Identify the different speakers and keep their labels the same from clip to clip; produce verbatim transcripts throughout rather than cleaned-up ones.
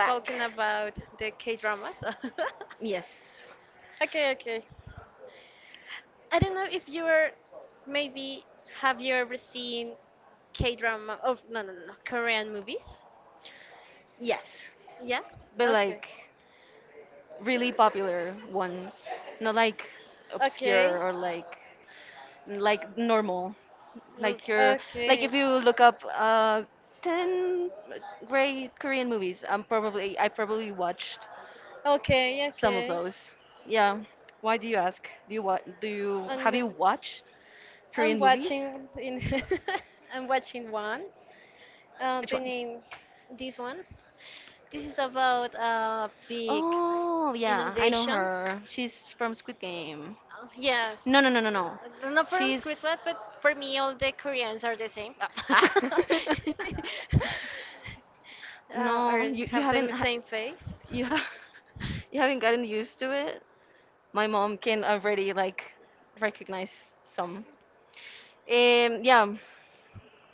Speaker 1: Back.
Speaker 2: talking about the K dramas.
Speaker 1: Yes.
Speaker 2: okay, okay. I don't know if you are maybe have you ever seen K drama or no no no no, Korean movies?
Speaker 1: Yes.
Speaker 2: Yes?
Speaker 1: But
Speaker 2: Okay.
Speaker 1: like really popular ones. Not like
Speaker 2: Okay.
Speaker 1: obscure or like like normal.
Speaker 2: Mm,
Speaker 1: Like you're like
Speaker 2: Okay.
Speaker 1: if you look up uh ten great Korean movies, I'm probably I probably watched
Speaker 2: Okay,
Speaker 1: some of
Speaker 2: okay.
Speaker 1: those. Yeah. Why do you ask? Do you what do you
Speaker 2: And
Speaker 1: have
Speaker 2: the-
Speaker 1: you watched
Speaker 2: I'm
Speaker 1: Korean movies?
Speaker 2: watching in I'm watching one. Uh,
Speaker 1: Which
Speaker 2: the
Speaker 1: one?
Speaker 2: name this one. This is about a big
Speaker 1: Oh, yeah, I know
Speaker 2: inundation.
Speaker 1: her. She's from Squid Game.
Speaker 2: Yes.
Speaker 1: No,
Speaker 2: No, no,
Speaker 1: no,
Speaker 2: no, no,
Speaker 1: no, no, no.
Speaker 2: no. Uh, Not from It's
Speaker 1: She's.
Speaker 2: Squidward, but for me, all the Koreans are the same.
Speaker 1: Ah.
Speaker 2: Ah. uh,
Speaker 1: No,
Speaker 2: or
Speaker 1: you, you
Speaker 2: have the
Speaker 1: haven't. Ha-
Speaker 2: same face.
Speaker 1: you have. You haven't gotten used to it. My mom can already like recognize some.
Speaker 2: um
Speaker 1: Um,
Speaker 2: yeah.
Speaker 1: yeah,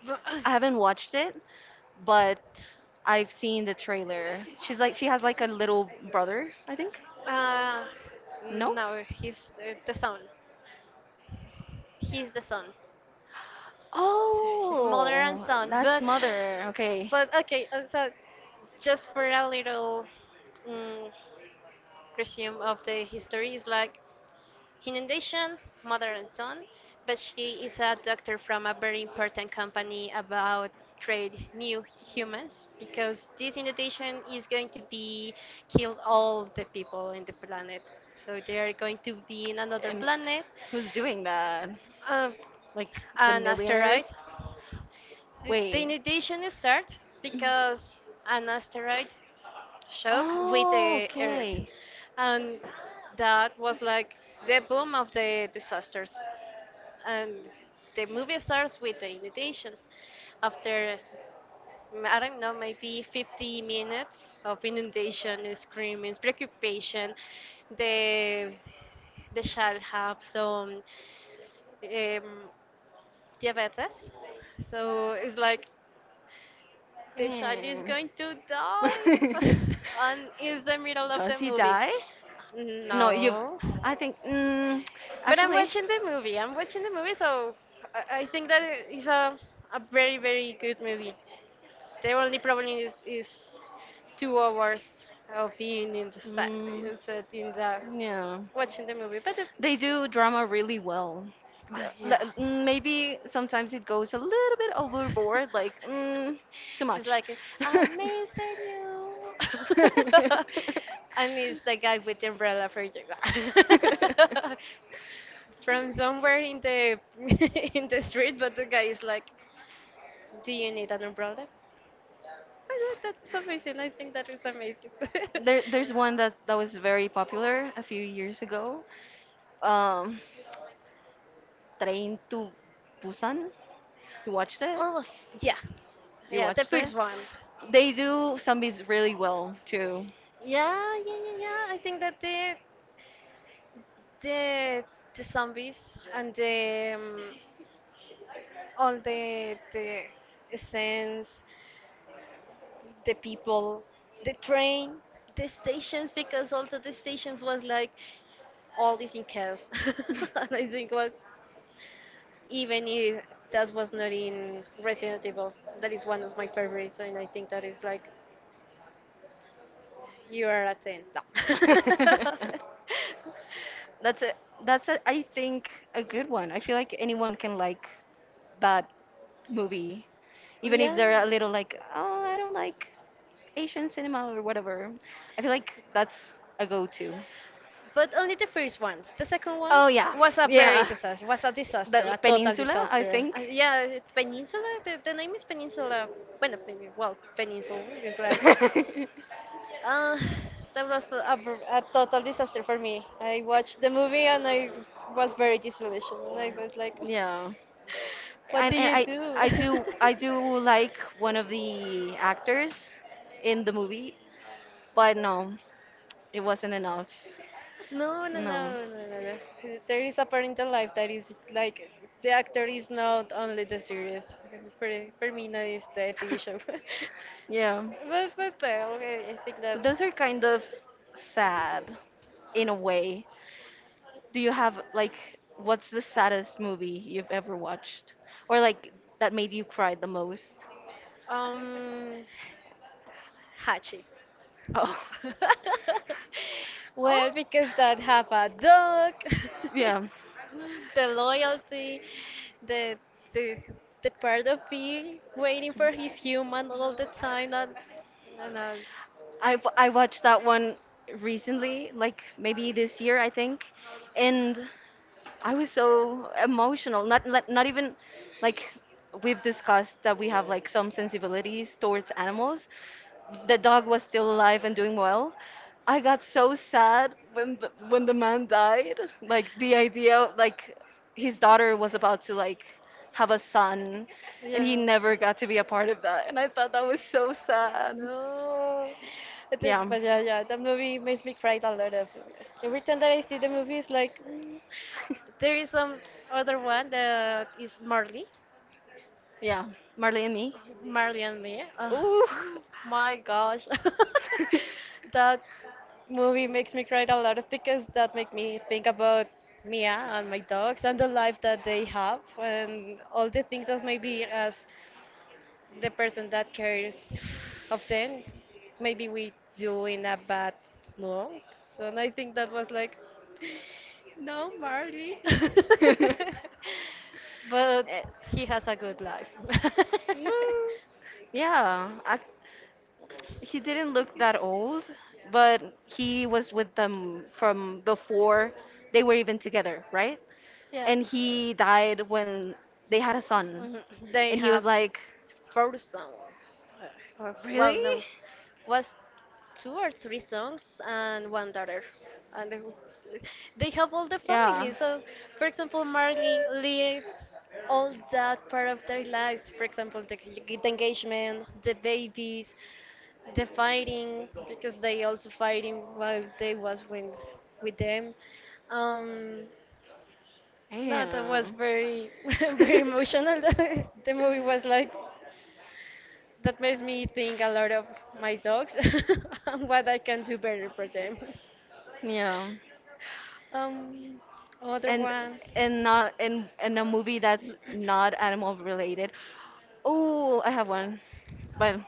Speaker 2: But-
Speaker 1: I
Speaker 2: haven't
Speaker 1: haven't
Speaker 2: watched
Speaker 1: watched
Speaker 2: it.
Speaker 1: it, but I've seen the trailer. She's like she has like a little brother, I think.
Speaker 2: Uh,
Speaker 1: No?
Speaker 2: no, he's uh, the son. He's the son. He's mother and
Speaker 1: Oh,
Speaker 2: son.
Speaker 1: that's
Speaker 2: But,
Speaker 1: mother.
Speaker 2: Okay.
Speaker 1: Okay.
Speaker 2: but okay. uh, so just for a little um, resume of the history, is like inundation, mother and son, but she is a doctor from a very important company about create new humans because this inundation is going to be kill all the people in the planet. So they are going to be in another
Speaker 1: And
Speaker 2: planet,
Speaker 1: who's doing that?
Speaker 2: um,
Speaker 1: Like the
Speaker 2: an asteroid.
Speaker 1: millionaires?
Speaker 2: So the
Speaker 1: Wait.
Speaker 2: inundation starts because an asteroid shock with
Speaker 1: Oh,
Speaker 2: the Earth,
Speaker 1: okay.
Speaker 2: and that was like the boom of the disasters. And the movie starts with the inundation. After mm, I don't know, maybe fifty minutes of inundation, screaming, preoccupation, the the child have some um, diabetes, so it's like the child is
Speaker 1: Dang.
Speaker 2: going to die, and it's the middle of
Speaker 1: Does
Speaker 2: the
Speaker 1: he
Speaker 2: movie.
Speaker 1: die? No, you've.
Speaker 2: No.
Speaker 1: I think. Mm,
Speaker 2: But I'm
Speaker 1: actually.
Speaker 2: watching the movie. I'm watching the movie, so I, I think that it's a, a very, very good movie. The only problem is, is two hours of being in the sa-
Speaker 1: Mm,
Speaker 2: inside in the
Speaker 1: yeah.
Speaker 2: watching the movie. But the,
Speaker 1: They do drama really well.
Speaker 2: uh,
Speaker 1: L-
Speaker 2: yeah,
Speaker 1: l- Maybe sometimes it goes a little bit overboard, like mm, too
Speaker 2: just
Speaker 1: much.
Speaker 2: like it. I'm missing you, and it's the guy with the umbrella for you. From somewhere in the in the street, but the guy is like. Do you need an umbrella? I know, that's amazing. I think that is amazing.
Speaker 1: there, there's one that, that was very popular a few years ago. Um, Train to Busan. You watched it?
Speaker 2: All of yeah,
Speaker 1: You
Speaker 2: yeah, the
Speaker 1: watched it?
Speaker 2: first one.
Speaker 1: They do zombies really well too.
Speaker 2: Yeah, yeah, yeah, yeah. I think that the the the zombies and the um, all the the essence, the people, the train, the stations because also the stations was like all this in chaos. And I think what even if that was not in Resident Evil. That is one of my favorites, and I think that is like you are a ten. No.
Speaker 1: That's a that's a, I think a good one. I feel like anyone can like that movie,
Speaker 2: Oh,
Speaker 1: even if they're
Speaker 2: yeah,
Speaker 1: a little like, oh, I don't like Asian cinema or whatever. I feel like that's a go-to.
Speaker 2: but only the first one. The second one
Speaker 1: Oh yeah,
Speaker 2: was a very
Speaker 1: yeah.
Speaker 2: disaster. Was a disaster,
Speaker 1: The
Speaker 2: a total
Speaker 1: Peninsula, I
Speaker 2: disaster. Uh,
Speaker 1: think.
Speaker 2: yeah, it- Peninsula. The, the name is Peninsula. Bueno, Pen- well, Peninsula is like. Uh, that was a, v- a total disaster for me. I watched the movie and I was very disillusioned. I was like.
Speaker 1: Yeah.
Speaker 2: What do
Speaker 1: And, and
Speaker 2: you
Speaker 1: I
Speaker 2: do?
Speaker 1: I do I do like one of the actors in the movie, but no, it wasn't enough.
Speaker 2: No, no,
Speaker 1: No.
Speaker 2: no, no, no, no. There is a parental life that is like the actor is not only the series. For for me, no, it's the T V show.
Speaker 1: Yeah,
Speaker 2: But but well, I I think that
Speaker 1: but those are kind of sad in a way. Do you have like what's the saddest movie you've ever watched or like that made you cry the most?
Speaker 2: um Hachi.
Speaker 1: Oh. Um,
Speaker 2: Well, because that have a dog,
Speaker 1: Yeah.
Speaker 2: the loyalty, the the the part of me waiting for his human all the time. That, I know,
Speaker 1: I w- I watched that one recently, like maybe this year, I think. And I was so emotional. Not not not even like we've discussed that we have like some sensibilities towards animals. The dog was still alive and doing well. I got so sad when the, when the man died. Like the idea, like his daughter was about to like have a son, and he
Speaker 2: yeah.
Speaker 1: never got to be a part of that. And I thought that was so sad.
Speaker 2: No. It is-
Speaker 1: Yeah,
Speaker 2: But yeah, yeah, that movie makes me cry a lot. Of every time that I see the movie, it's like mm. there is some other one that is Marley.
Speaker 1: yeah. Marley and me.
Speaker 2: Marley and me. Oh,
Speaker 1: Ooh.
Speaker 2: my gosh. That movie makes me cry a lot of because that make me think about Mia and my dogs and the life that they have and all the things that maybe as the person that cares of them, maybe we do in a bad note. So and I think that was like, no, Marley.
Speaker 1: Eh,
Speaker 2: but he has a good life.
Speaker 1: no. Yeah, I he didn't look that old, but he was with them from before they were even together, right?
Speaker 2: yeah.
Speaker 1: And he died when they had a son.
Speaker 2: Mhm. They
Speaker 1: And he was
Speaker 2: have
Speaker 1: like,
Speaker 2: four songs. Or, well,
Speaker 1: really?
Speaker 2: no, was two or three songs and one daughter. And they, they have all the
Speaker 1: Yeah.
Speaker 2: family. So, for example, Marley lives all that part of their lives. For example, the, the engagement, the babies, the fighting, because they also fighting while they was with, with them. Um, no, that was
Speaker 1: Damn.
Speaker 2: very, very emotional. The movie was like, that makes me think a lot of my dogs and what I can do better for them.
Speaker 1: Yeah.
Speaker 2: Um, other
Speaker 1: And
Speaker 2: one.
Speaker 1: and not in in a movie that's not animal related. Oh, I have one. But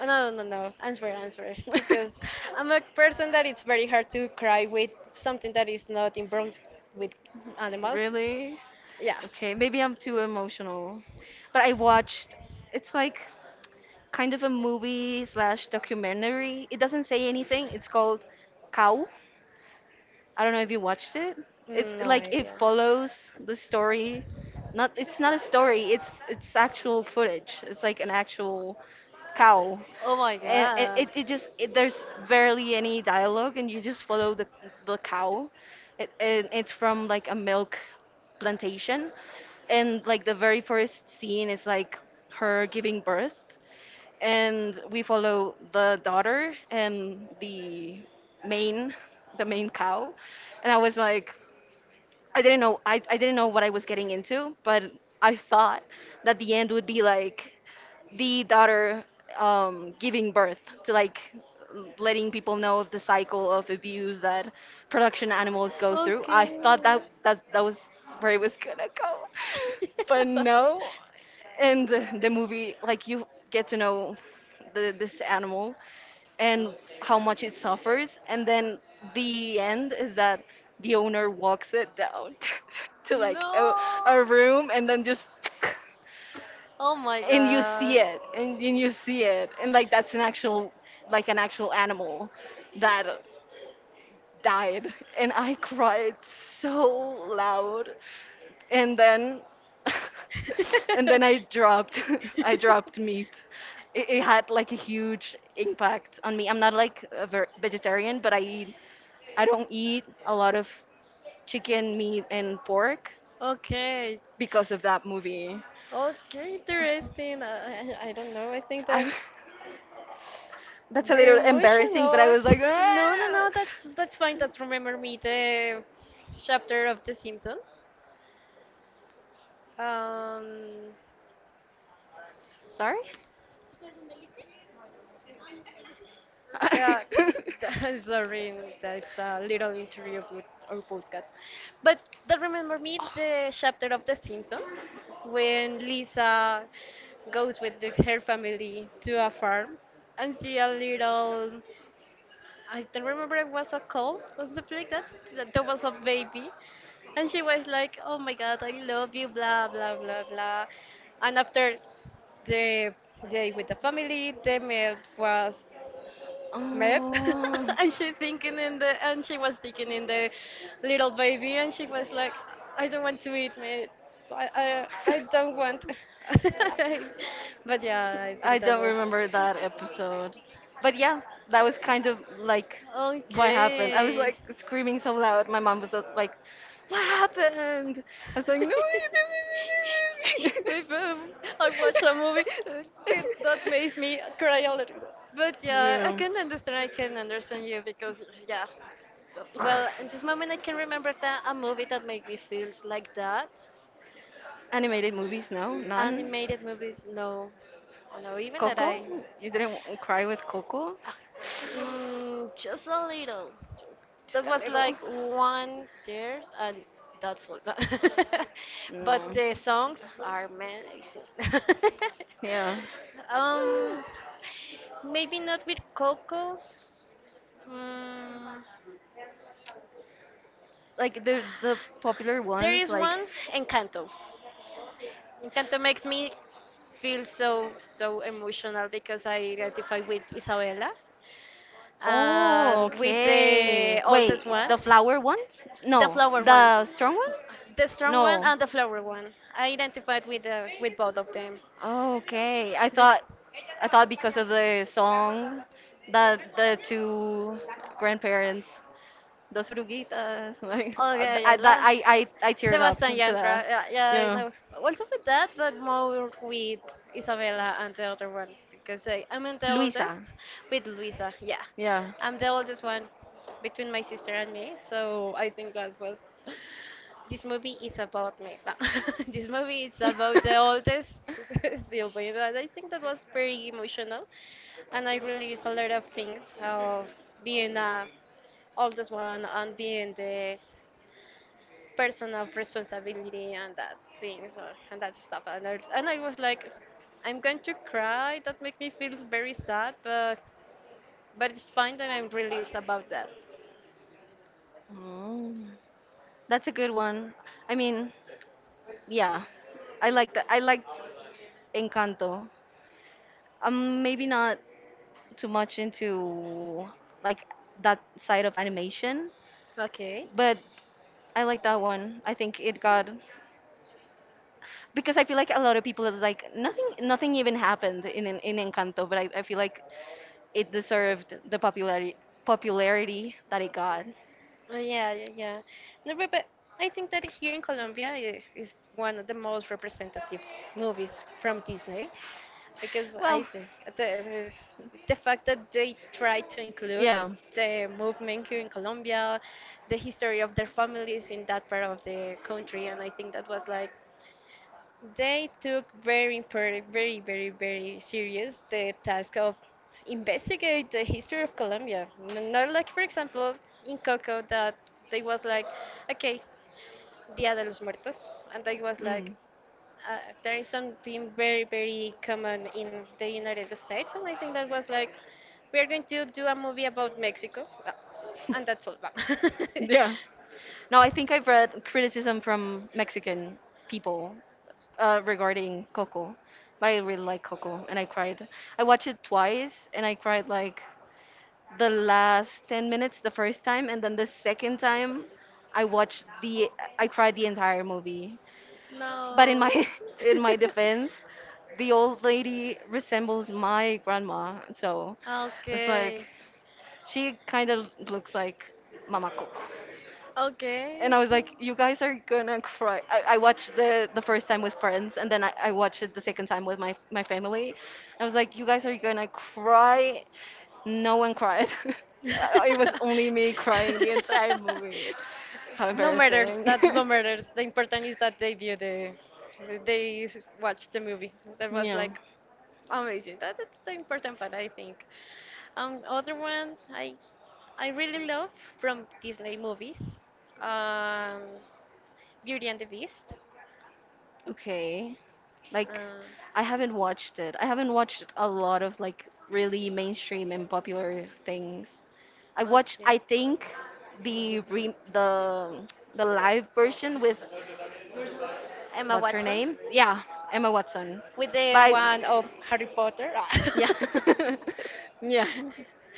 Speaker 2: Oh, no, no, no, no. Answer, answer. Because I'm a person that it's very hard to cry with something that is not involved with animals.
Speaker 1: really?
Speaker 2: Yeah.
Speaker 1: Okay, maybe I'm too emotional. But I watched, it's like kind of a movie slash documentary. It doesn't say anything. It's called Cow. I don't know if you watched it. It's
Speaker 2: Mm, No
Speaker 1: like it
Speaker 2: idea.
Speaker 1: follows the story. Not it's not a story. It's it's actual footage. It's like an actual cow,
Speaker 2: Oh my
Speaker 1: and it,
Speaker 2: god.
Speaker 1: it, it just it, there's barely any dialogue, and you just follow the the cow. It, and it's from like a milk plantation, and like the very first scene is like her giving birth and we follow the daughter and the main the main cow and I was like I didn't know i, I didn't know what I was getting into but I thought that the end would be like the daughter um, giving birth to like letting people know of the cycle of abuse that production animals go through. I
Speaker 2: Okay.
Speaker 1: thought that that that was where it was gonna go, but no. And the the movie, like you get to know the, this animal and how much it suffers, and then the end is that the owner walks it down to like a, a room and then just
Speaker 2: oh my
Speaker 1: and you see
Speaker 2: god.
Speaker 1: it and, and you see it and like that's an actual like an actual animal that died and I cried so loud and then and then I dropped I dropped meat. It, it had like a huge impact on me. I'm not like a ver- vegetarian, but i eat I don't eat a lot of chicken meat and pork
Speaker 2: Okay.
Speaker 1: because of that movie.
Speaker 2: Okay, interesting. I, I I don't know. I think
Speaker 1: I
Speaker 2: that
Speaker 1: That's a
Speaker 2: very
Speaker 1: little embarrassing, but I
Speaker 2: emotional.
Speaker 1: was like,
Speaker 2: No, no,
Speaker 1: "Ah."
Speaker 2: no. That's that's fine. That's remember me the chapter of The Simpsons. Um,
Speaker 1: Sorry.
Speaker 2: Yeah, sorry that's a little interview with our podcast. But that remember me the chapter of The Simpsons when Lisa goes with the- her family to a farm and see a little. I don't remember it was a cow or something like that. that There was a baby, and she was like, "Oh my God, I love you," blah blah blah blah. And after the day with the family, the meal was met
Speaker 1: Oh.
Speaker 2: and she thinking in the and she was thinking in the little baby and she was like I don't want to eat meat i i, I don't want but yeah I
Speaker 1: I
Speaker 2: think that
Speaker 1: don't
Speaker 2: was
Speaker 1: remember that episode. But yeah, that was kind of like what happened. I was
Speaker 2: okay
Speaker 1: like screaming so loud. My mom was uh, like, "What happened?" I was like, "No."
Speaker 2: maybe um, I watched a movie uh, kid, that makes me cry a little bit but yeah i
Speaker 1: Yeah.
Speaker 2: can understand I can understand you because yeah well at this moment I can remember that a movie that made me feels like that.
Speaker 1: Animated movies, no? None?
Speaker 2: Animated movies, no, no, even that I,
Speaker 1: Coco? You didn't cry with Coco?
Speaker 2: mm, just a little.
Speaker 1: Just
Speaker 2: That
Speaker 1: a
Speaker 2: was
Speaker 1: little.
Speaker 2: like one third, and that's all. But
Speaker 1: No.
Speaker 2: the songs are amazing.
Speaker 1: Yeah.
Speaker 2: Um, maybe not with Coco. Mm,
Speaker 1: Like the the popular
Speaker 2: there
Speaker 1: ones,
Speaker 2: is
Speaker 1: like
Speaker 2: one, Encanto. Encanto makes me feel so so emotional because I identify with Isabella.
Speaker 1: oh,
Speaker 2: And with the
Speaker 1: okay. Wait,
Speaker 2: oldest one,
Speaker 1: the flower ones?
Speaker 2: the
Speaker 1: No,
Speaker 2: flower one,
Speaker 1: the strong one?
Speaker 2: the strong one,
Speaker 1: No.
Speaker 2: and the flower one. I identified with the, with both of them.
Speaker 1: Okay, I
Speaker 2: Be-
Speaker 1: thought I thought because of the song that the two grandparents, dos oruguitas, like
Speaker 2: Okay, I
Speaker 1: I that
Speaker 2: laugh.
Speaker 1: I I I teared up
Speaker 2: Sebastian
Speaker 1: to
Speaker 2: Yantra.
Speaker 1: that.
Speaker 2: Yeah, yeah, I
Speaker 1: Yeah,
Speaker 2: know. Also with that, but more with Isabella and the other one because I, I'm the
Speaker 1: Luisa.
Speaker 2: oldest with Luisa. Yeah,
Speaker 1: Yeah.
Speaker 2: I'm the oldest one between my sister and me. So I think that was. This movie is about me. No, this movie is about the oldest sibling, and I think that was very emotional, and I released a lot of things of being a oldest one and being the person of responsibility and that things uh, and that stuff. And I, and I was like, I'm going to cry. That make me feel very sad, but but it's fine that I'm released about that.
Speaker 1: Oh, that's a good one. I mean, yeah, I like that. I liked Encanto. I'm maybe not too much into like that side of animation,
Speaker 2: Okay.
Speaker 1: but I like that one. I think it got because I feel like a lot of people are like nothing nothing even happened in in, in Encanto, but I, I feel like it deserved the popularity popularity that it got.
Speaker 2: Uh, yeah, yeah, yeah. No, but but I think that here in Colombia i- is one of the most representative movies from Disney. Because I
Speaker 1: Well,
Speaker 2: think the, the fact that they try to include
Speaker 1: yeah.
Speaker 2: the movement here in Colombia, the history of their families in that part of the country, and I think that was like they took very important, very very very serious the task of investigate the history of Colombia. N- Not like for example in Coco that they was like, okay, Dia de los Muertos, and I was like,
Speaker 1: Mm.
Speaker 2: uh, there is something very, very common in the United States, and I think that was like, we are going to do a movie about Mexico, uh, and that's all.
Speaker 1: Yeah. No, I think I've read criticism from Mexican people uh, regarding Coco, but I really like Coco, and I cried. I watched it twice, and I cried like the last ten minutes the first time, and then the second time I watched the I cried the entire movie. But in my
Speaker 2: No.
Speaker 1: in my defense, the old lady resembles my grandma, so it's like
Speaker 2: Okay.
Speaker 1: she kind of looks like Mama Coco
Speaker 2: Okay,
Speaker 1: and I was
Speaker 2: okay.
Speaker 1: like, "You guys are gonna cry." I, I watched the the first time with friends, and then I, I watched it the second time with my my family. I was like, "You guys are gonna cry." No one cried. It was only me crying the entire movie. How
Speaker 2: No matters.
Speaker 1: embarrassing.
Speaker 2: That's no matters. The important is that they view the, they s- watch the movie. That was
Speaker 1: Yeah.
Speaker 2: like amazing. That, that's the important part, I think. Um, other one I I really love from Disney movies, um, Beauty and the Beast.
Speaker 1: Okay. Like,
Speaker 2: Uh,
Speaker 1: I haven't watched it. I haven't watched a lot of like really mainstream and popular things. I watched, I
Speaker 2: okay,
Speaker 1: think, the re the the live version with
Speaker 2: Emma
Speaker 1: what's her
Speaker 2: Watson
Speaker 1: name? Yeah, Emma Watson.
Speaker 2: with
Speaker 1: But
Speaker 2: the
Speaker 1: I,
Speaker 2: one of Harry Potter.
Speaker 1: yeah, yeah.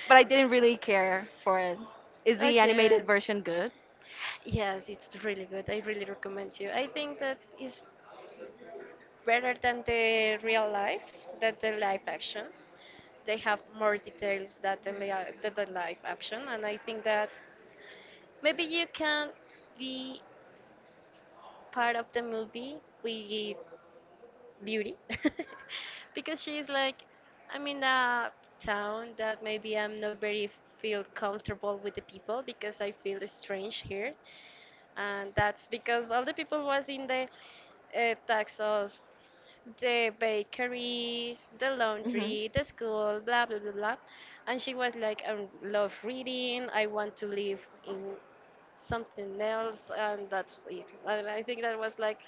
Speaker 1: But I didn't really care for it. Is the animated
Speaker 2: okay,
Speaker 1: version good?
Speaker 2: yes, it's really good. I really recommend you. I think that is better than the real life, than the live action. They have more details than the, lia- than the live action, and I think that maybe you can be part of the movie with Beauty because she's like, I'm in a town that maybe I'm not very feel comfortable with the people because I feel strange here, and that's because all the people was in the uh, taxos, the bakery, the
Speaker 1: Mhm.
Speaker 2: laundry, the school, blah blah blah blah, and she was like, I love reading, I want to live in something else, and that's it. And I think that was like,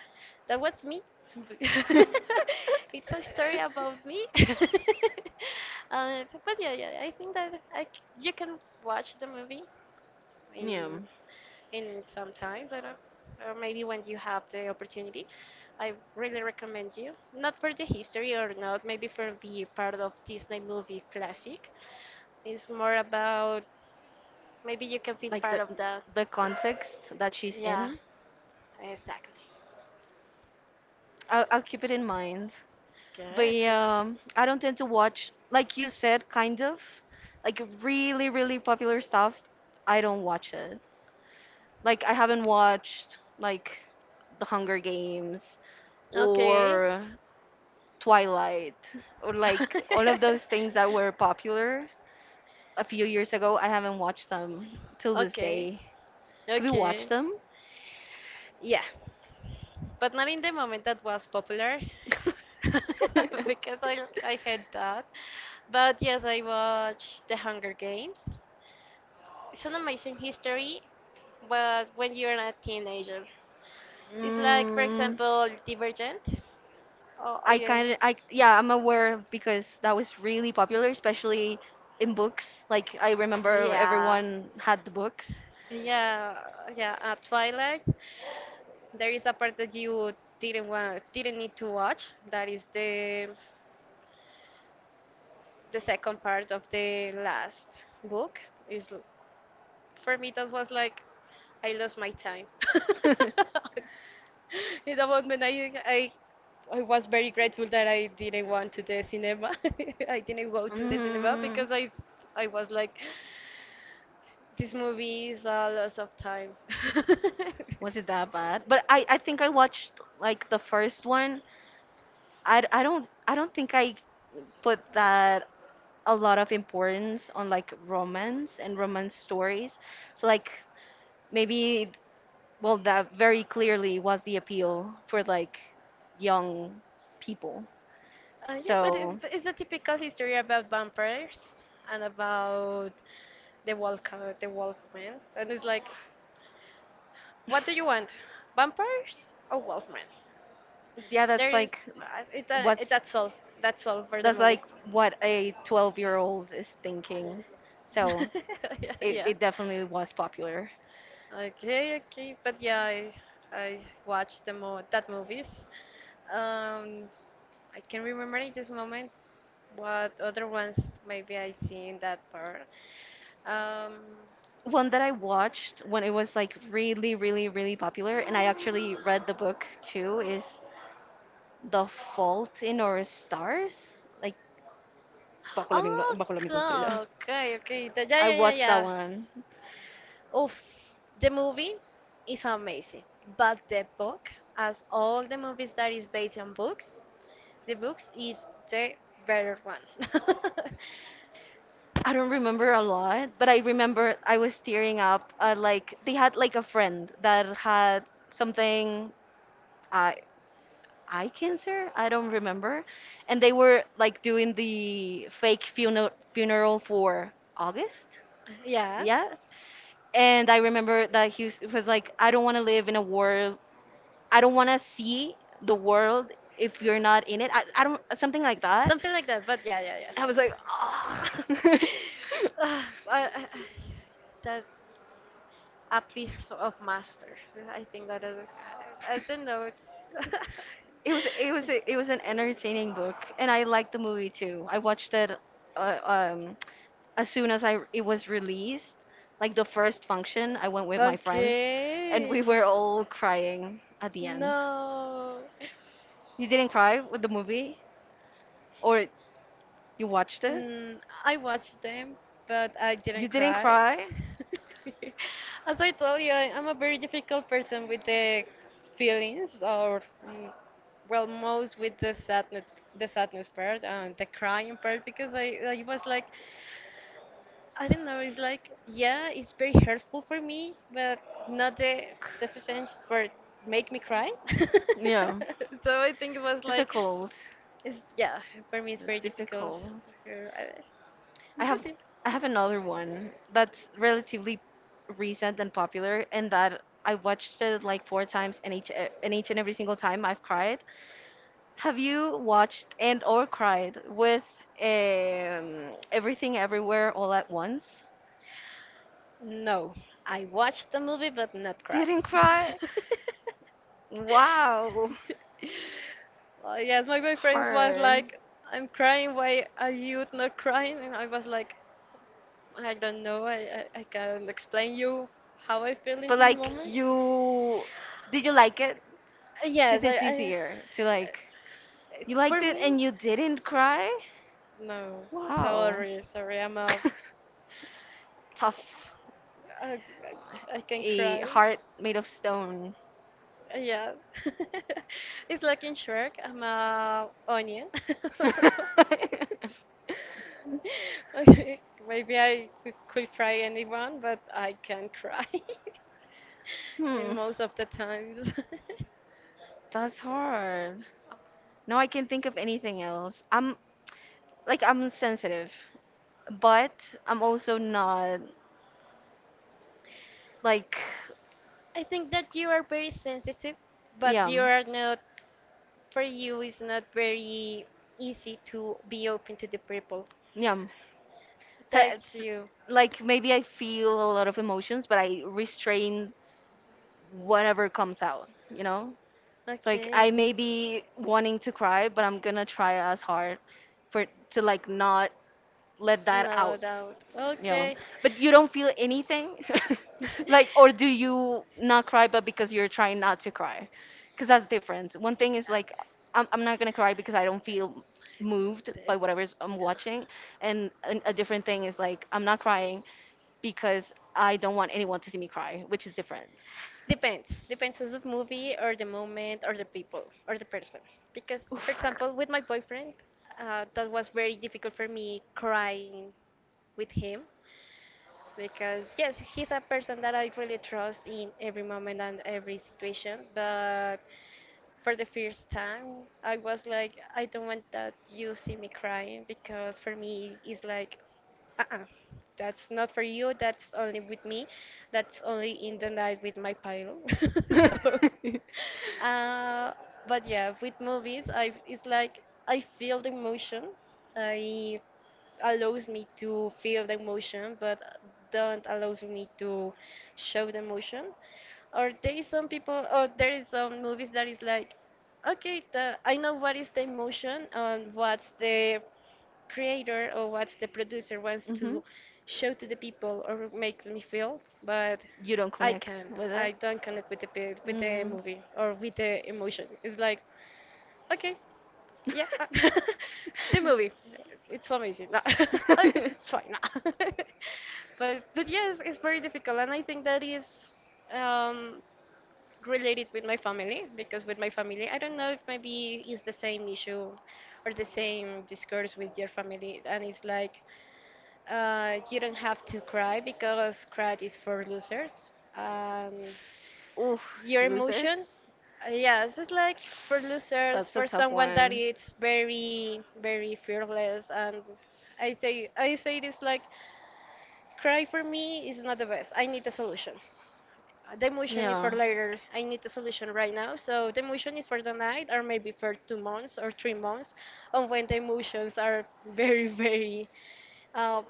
Speaker 2: that was me. it's a story about me. uh, but yeah, yeah, I think that I, c- you can watch the movie in
Speaker 1: Yeah.
Speaker 2: in sometimes. I don't. Or maybe when you have the opportunity, I really recommend you. Not for the history or not, maybe for be part of Disney movie classic. It's more about maybe you can feel
Speaker 1: Like the
Speaker 2: part of that.
Speaker 1: the context that she's
Speaker 2: Yeah,
Speaker 1: in.
Speaker 2: exactly.
Speaker 1: I'll, I'll keep it in mind. But
Speaker 2: Okay, okay.
Speaker 1: yeah, um, I don't tend to watch, like you said, kind of, like really, really popular stuff. I don't watch it. Like I haven't watched like The Hunger Games
Speaker 2: Okay.
Speaker 1: or Twilight or like all of those things that were popular a few years ago. I haven't watched them till this
Speaker 2: Okay,
Speaker 1: day. Have you watched
Speaker 2: okay.
Speaker 1: them?
Speaker 2: Yeah, but not in the moment that was popular because I I had that. But yes, I watched The Hunger Games. It's an amazing history, but when you're a teenager, it's like, for
Speaker 1: Mm,
Speaker 2: example, Divergent. Oh,
Speaker 1: I
Speaker 2: yeah.
Speaker 1: kind of, I yeah, I'm aware because that was really popular, especially in books. Like I remember
Speaker 2: Yeah,
Speaker 1: everyone had the books.
Speaker 2: Yeah, yeah, at Twilight, there is a part that you didn't want, didn't need to watch. That is the the second part of the last book. Is for me that was like I lost my time. In the moment, I, I I was very grateful that I didn't want to the cinema. I didn't go to the cinema
Speaker 1: Mm,
Speaker 2: because I I was like, this movie is a loss of time.
Speaker 1: was it that bad? But I, I think I watched like the first one. I, d- I don't I don't think I put that a lot of importance on like romance and romance stories. So like maybe well, that very clearly was the appeal for like young people.
Speaker 2: Uh, yeah, but, it,
Speaker 1: So,
Speaker 2: but it's a typical history about vampires and about the wolf, the wolfman. And it's like, what do you want, vampires or wolfman?
Speaker 1: yeah, that's
Speaker 2: There
Speaker 1: like
Speaker 2: is, uh, it's a, it,
Speaker 1: what's
Speaker 2: that's all. That's all for the
Speaker 1: that's
Speaker 2: movie.
Speaker 1: like what a twelve-year-old is thinking. So,
Speaker 2: Yeah,
Speaker 1: it,
Speaker 2: yeah.
Speaker 1: it definitely was popular.
Speaker 2: Okay, okay. But yeah, I, I watched the mo that movies. Um, I can remember in this moment what other ones maybe I see in that part. Um,
Speaker 1: One that I watched when it was like really, really, really popular, and I actually read the book too, is The Fault in Our Stars, like Bajo la misma,
Speaker 2: Oh,
Speaker 1: bajo la misma estrella.
Speaker 2: co- okay, okay. The- yeah,
Speaker 1: I
Speaker 2: yeah, yeah,
Speaker 1: watched that
Speaker 2: yeah.
Speaker 1: one.
Speaker 2: Oof, the movie is amazing, but the book, as all the movies that is based on books, the books is the better one.
Speaker 1: I don't remember a lot, but I remember I was tearing up. Uh, like they had like a friend that had something I eye cancer. I don't remember, and they were like doing the fake funeral funeral for August.
Speaker 2: Yeah,
Speaker 1: Yeah, and I remember that he was, it was like, I don't want to live in a world. I don't want to see the world if you're not in it. I, I don't something like that.
Speaker 2: something like that. But yeah, yeah,
Speaker 1: I was like,
Speaker 2: yeah.
Speaker 1: oh.
Speaker 2: Ah, I- I- that a piece of master. I think that is. I don't know.
Speaker 1: it was it was it was an entertaining book, and I liked the movie too. I watched it uh, um, as soon as I it was released, like the first function. I went with my friends, and we
Speaker 2: Okay.
Speaker 1: were all crying at the end.
Speaker 2: No.
Speaker 1: You didn't cry with the movie, or you watched it?
Speaker 2: Mm, I watched them, but I
Speaker 1: You
Speaker 2: didn't
Speaker 1: didn't
Speaker 2: cry.
Speaker 1: cry?
Speaker 2: As I told you, I, I'm a very difficult person with the feelings, or mm, well, most with the sadness, the sadness part and the crying part, because I, I was like, I don't know, it's like, yeah, it's very hurtful for me, but not the sufficient for make me cry.
Speaker 1: Yeah,
Speaker 2: So I think it was like.
Speaker 1: difficult.
Speaker 2: It's yeah, for me it's very
Speaker 1: It's
Speaker 2: difficult.
Speaker 1: difficult.
Speaker 2: Uh, I-
Speaker 1: I
Speaker 2: But
Speaker 1: have
Speaker 2: it-
Speaker 1: I have another one that's relatively recent and popular, and that I watched it like four times, and each and each and every single time I've cried. Have you watched and or cried with um, Everything Everywhere All at Once?
Speaker 2: No, I watched the movie but not cry.
Speaker 1: Didn't cry? Wow,
Speaker 2: Well, yes, my
Speaker 1: it's
Speaker 2: boyfriend was
Speaker 1: hard.
Speaker 2: like, "I'm crying. Why are you not crying?" And I was like, "I don't know. I I, I can't explain you how I feel in this
Speaker 1: But like
Speaker 2: moment."
Speaker 1: you, did you like it? Because
Speaker 2: Yes, I,
Speaker 1: it's
Speaker 2: I
Speaker 1: easier to like
Speaker 2: it-
Speaker 1: you
Speaker 2: for
Speaker 1: liked it and
Speaker 2: me,
Speaker 1: you didn't cry.
Speaker 2: no.
Speaker 1: Wow.
Speaker 2: Sorry, sorry. I'm a
Speaker 1: Tough,
Speaker 2: I, I I can
Speaker 1: a
Speaker 2: cry.
Speaker 1: heart made of stone.
Speaker 2: Yeah. It's like in Shrek, I'm a onion.
Speaker 1: hmm,
Speaker 2: Okay, maybe I could could try anyone, but I can cry in most of the times.
Speaker 1: that's hard. Now I can think of anything else. I'm like I'm sensitive, but I'm also not like
Speaker 2: I think that you are very sensitive, but you
Speaker 1: yum
Speaker 2: are not, for you, it's not very easy to be open to the people.
Speaker 1: yum. Ha-
Speaker 2: That's
Speaker 1: It's
Speaker 2: you.
Speaker 1: like maybe I feel a lot of emotions, but I restrain whatever comes out. You know, it's like I
Speaker 2: Okay.
Speaker 1: may be wanting to cry, but I'm gonna try as hard for to like not let that
Speaker 2: No
Speaker 1: out
Speaker 2: doubt.
Speaker 1: you know
Speaker 2: Okay.
Speaker 1: but you don't feel anything
Speaker 2: D- d-
Speaker 1: like or do you not cry but because you're trying not to cry because that's different one thing is like I'm, I'm not gonna cry because I don't feel moved by whatever is- I'm watching and, and a different thing is like I'm not crying because I don't want anyone to see me cry which is different.
Speaker 2: Depends. Depends on the movie or the moment or the people or the person. Because, for
Speaker 1: Oof.
Speaker 2: example, with my boyfriend, uh, that was very difficult for me crying with him. Because, yes, he's a person that I really trust in every moment and every situation. But for the first time, I was like, I don't want that you see me crying because for me it's like uh-uh, that's not for you. That's only with me. That's only in the night with my pillow. So, uh, but yeah, with movies, I it's like I feel the emotion. I allows me to feel the emotion, but don't allows me to show the emotion. Or there is some people, or there is some movies that is like, okay, the, I know what is the emotion and what's the creator or what the producer wants
Speaker 1: hmm
Speaker 2: to show to the people or make me feel, but
Speaker 1: You don't
Speaker 2: I
Speaker 1: connect
Speaker 2: can't.
Speaker 1: with
Speaker 2: I
Speaker 1: it.
Speaker 2: don't connect with the pe- with the
Speaker 1: Mm.
Speaker 2: movie or with the emotion. It's like, okay, yeah, uh, the movie, it's amazing. Nah. It's fine. Nah. but but yes, it's very difficult, and I think that is um, related with my family because with my family, I don't know if maybe it's the same issue or the same discourse with your family, and it's like uh, you don't have to cry because cry is for losers. Um,
Speaker 1: Oof,
Speaker 2: your
Speaker 1: losers.
Speaker 2: emotion, uh, yes, it's like for losers,
Speaker 1: That's a
Speaker 2: for
Speaker 1: tough
Speaker 2: someone that
Speaker 1: one.
Speaker 2: is very, very fearless. And I say, I say this like, cry for me is not the best. I need a solution. Uh, The emotion is for
Speaker 1: Yeah.
Speaker 2: later. I need a solution right now. So the emotion is for the night, or maybe for two months or three months, on when the emotions are very, very uh,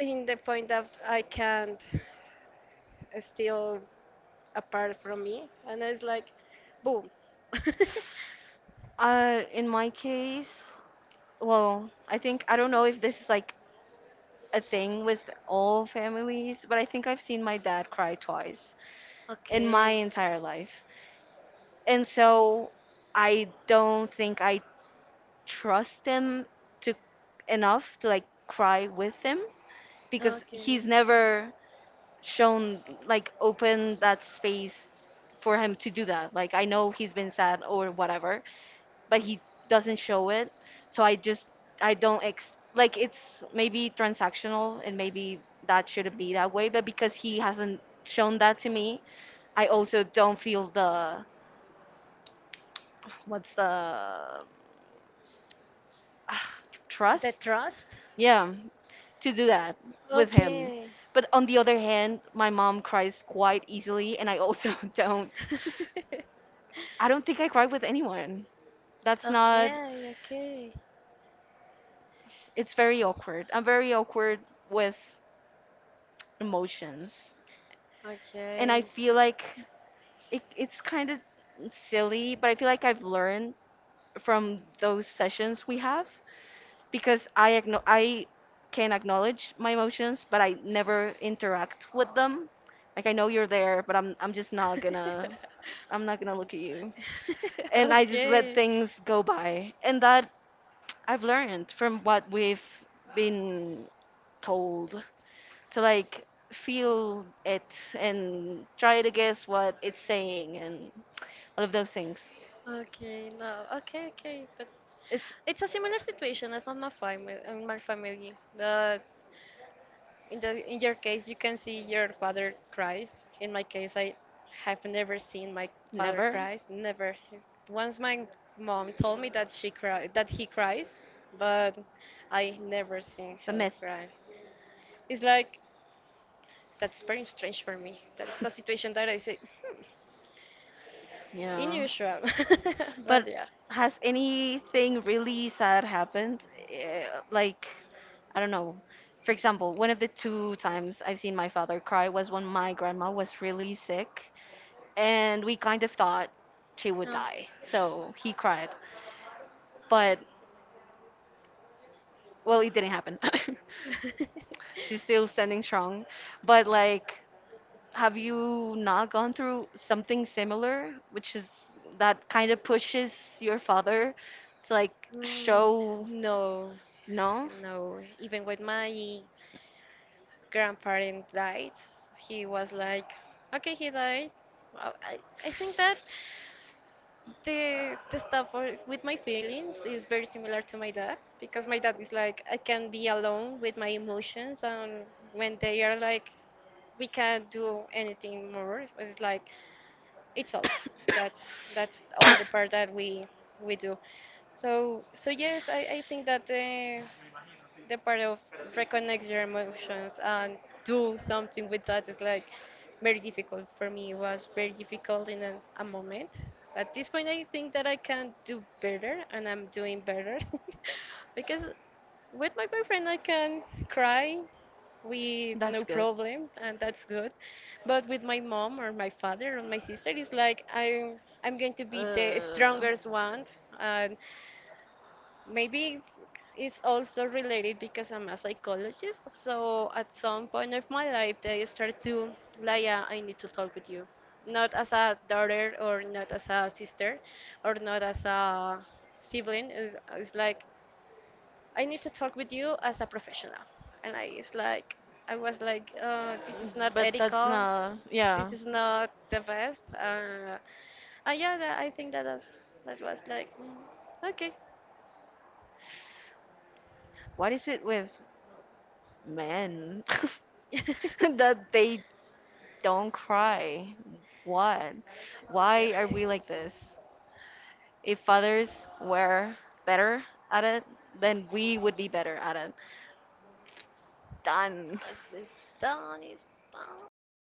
Speaker 2: in the point that I can't steal apart from me, and it's like, boom.
Speaker 1: Uh, in my case, well, I think I don't know if this is like a thing with all families, but I think I've seen my dad cry twice in my
Speaker 2: Okay.
Speaker 1: entire life. And so I don't think I trust him to enough to like cry with him because he's
Speaker 2: Okay.
Speaker 1: never shown like open that space for him to do that. Like I know he's been sad or whatever, but he doesn't show it. So I just I don't ex like it's maybe transactional and maybe that shouldn't be that way, but because he hasn't shown that to me, I also don't feel the what's the ah,
Speaker 2: The
Speaker 1: trust
Speaker 2: trust?
Speaker 1: yeah to do that with him
Speaker 2: Okay.
Speaker 1: but on the other hand my mom cries quite easily and I also don't I don't think I cry with anyone that's not
Speaker 2: Okay, okay.
Speaker 1: it's very awkward I'm very awkward with emotions and I
Speaker 2: Okay.
Speaker 1: feel like it, it's kind of silly but I feel like I've learned from those sessions we have because I acknow- I can acknowledge my emotions, but I never interact with them. Like I know you're there, but I'm I'm just not gonna I'm not gonna look at you. And I just let
Speaker 2: Okay.
Speaker 1: things go by. And that I've learned from what we've been told to like feel it and try to guess what it's saying and all of those things.
Speaker 2: Okay, no, okay, okay, but
Speaker 1: It's
Speaker 2: it's a similar situation as on my family, on my family, but in the in your case, you can see your father cries. In my case, I have never seen my father
Speaker 1: never.
Speaker 2: cries. Never. Once my mom told me that she cry that he cries, but I never seen
Speaker 1: It's a
Speaker 2: him
Speaker 1: myth.
Speaker 2: cry. It's like that's very strange for me. That it's a situation that I say hmm,
Speaker 1: Yeah.
Speaker 2: unusual, but
Speaker 1: But
Speaker 2: yeah.
Speaker 1: has anything really sad happened? Eh, Like, I don't know. For example, one of the two times I've seen my father cry was when my grandma was really sick, and we kind of thought she would
Speaker 2: No.
Speaker 1: die. So he cried. But, well, it didn't happen. She's still standing strong. But, like, have you not gone through something similar, which is that kind of pushes your father to, like,
Speaker 2: Mm,
Speaker 1: show
Speaker 2: no,
Speaker 1: no?
Speaker 2: no. Even when my grandparent died, he was like, okay, he died. Well, I, I think that the the stuff for- with my feelings is very similar to my dad because my dad is like I can be alone with my emotions and when they are like we can't do anything more. It's like it's all. That's that's all the part that we we do. So so yes, I, I think that the the part of reconnect your emotions and do something with that is like very difficult for me. It was very difficult in a, a moment. At this point, I think that I can do better, and I'm doing better because with my boyfriend I can cry, with
Speaker 1: That's
Speaker 2: no
Speaker 1: good.
Speaker 2: problem and that's good but with my mom or my father or my sister it's like i'm i'm going to be the
Speaker 1: Uh,
Speaker 2: strongest one and maybe it's also related because I'm a psychologist so at some point of my life they start to like yeah, I need to talk with you not as a daughter or not as a sister or not as a sibling it's, it's like I need to talk with you as a professional. And I is like, I was like, uh, this is not
Speaker 1: but that's
Speaker 2: ethical.
Speaker 1: not. Yeah.
Speaker 2: This is not the best. Uh, uh, yeah, that, I think that was, that was like, mm, okay.
Speaker 1: What is it with men that they don't cry? What? Why are we like this? If others were better at it, then we would be better at it. Done.
Speaker 2: Oh, this done is done.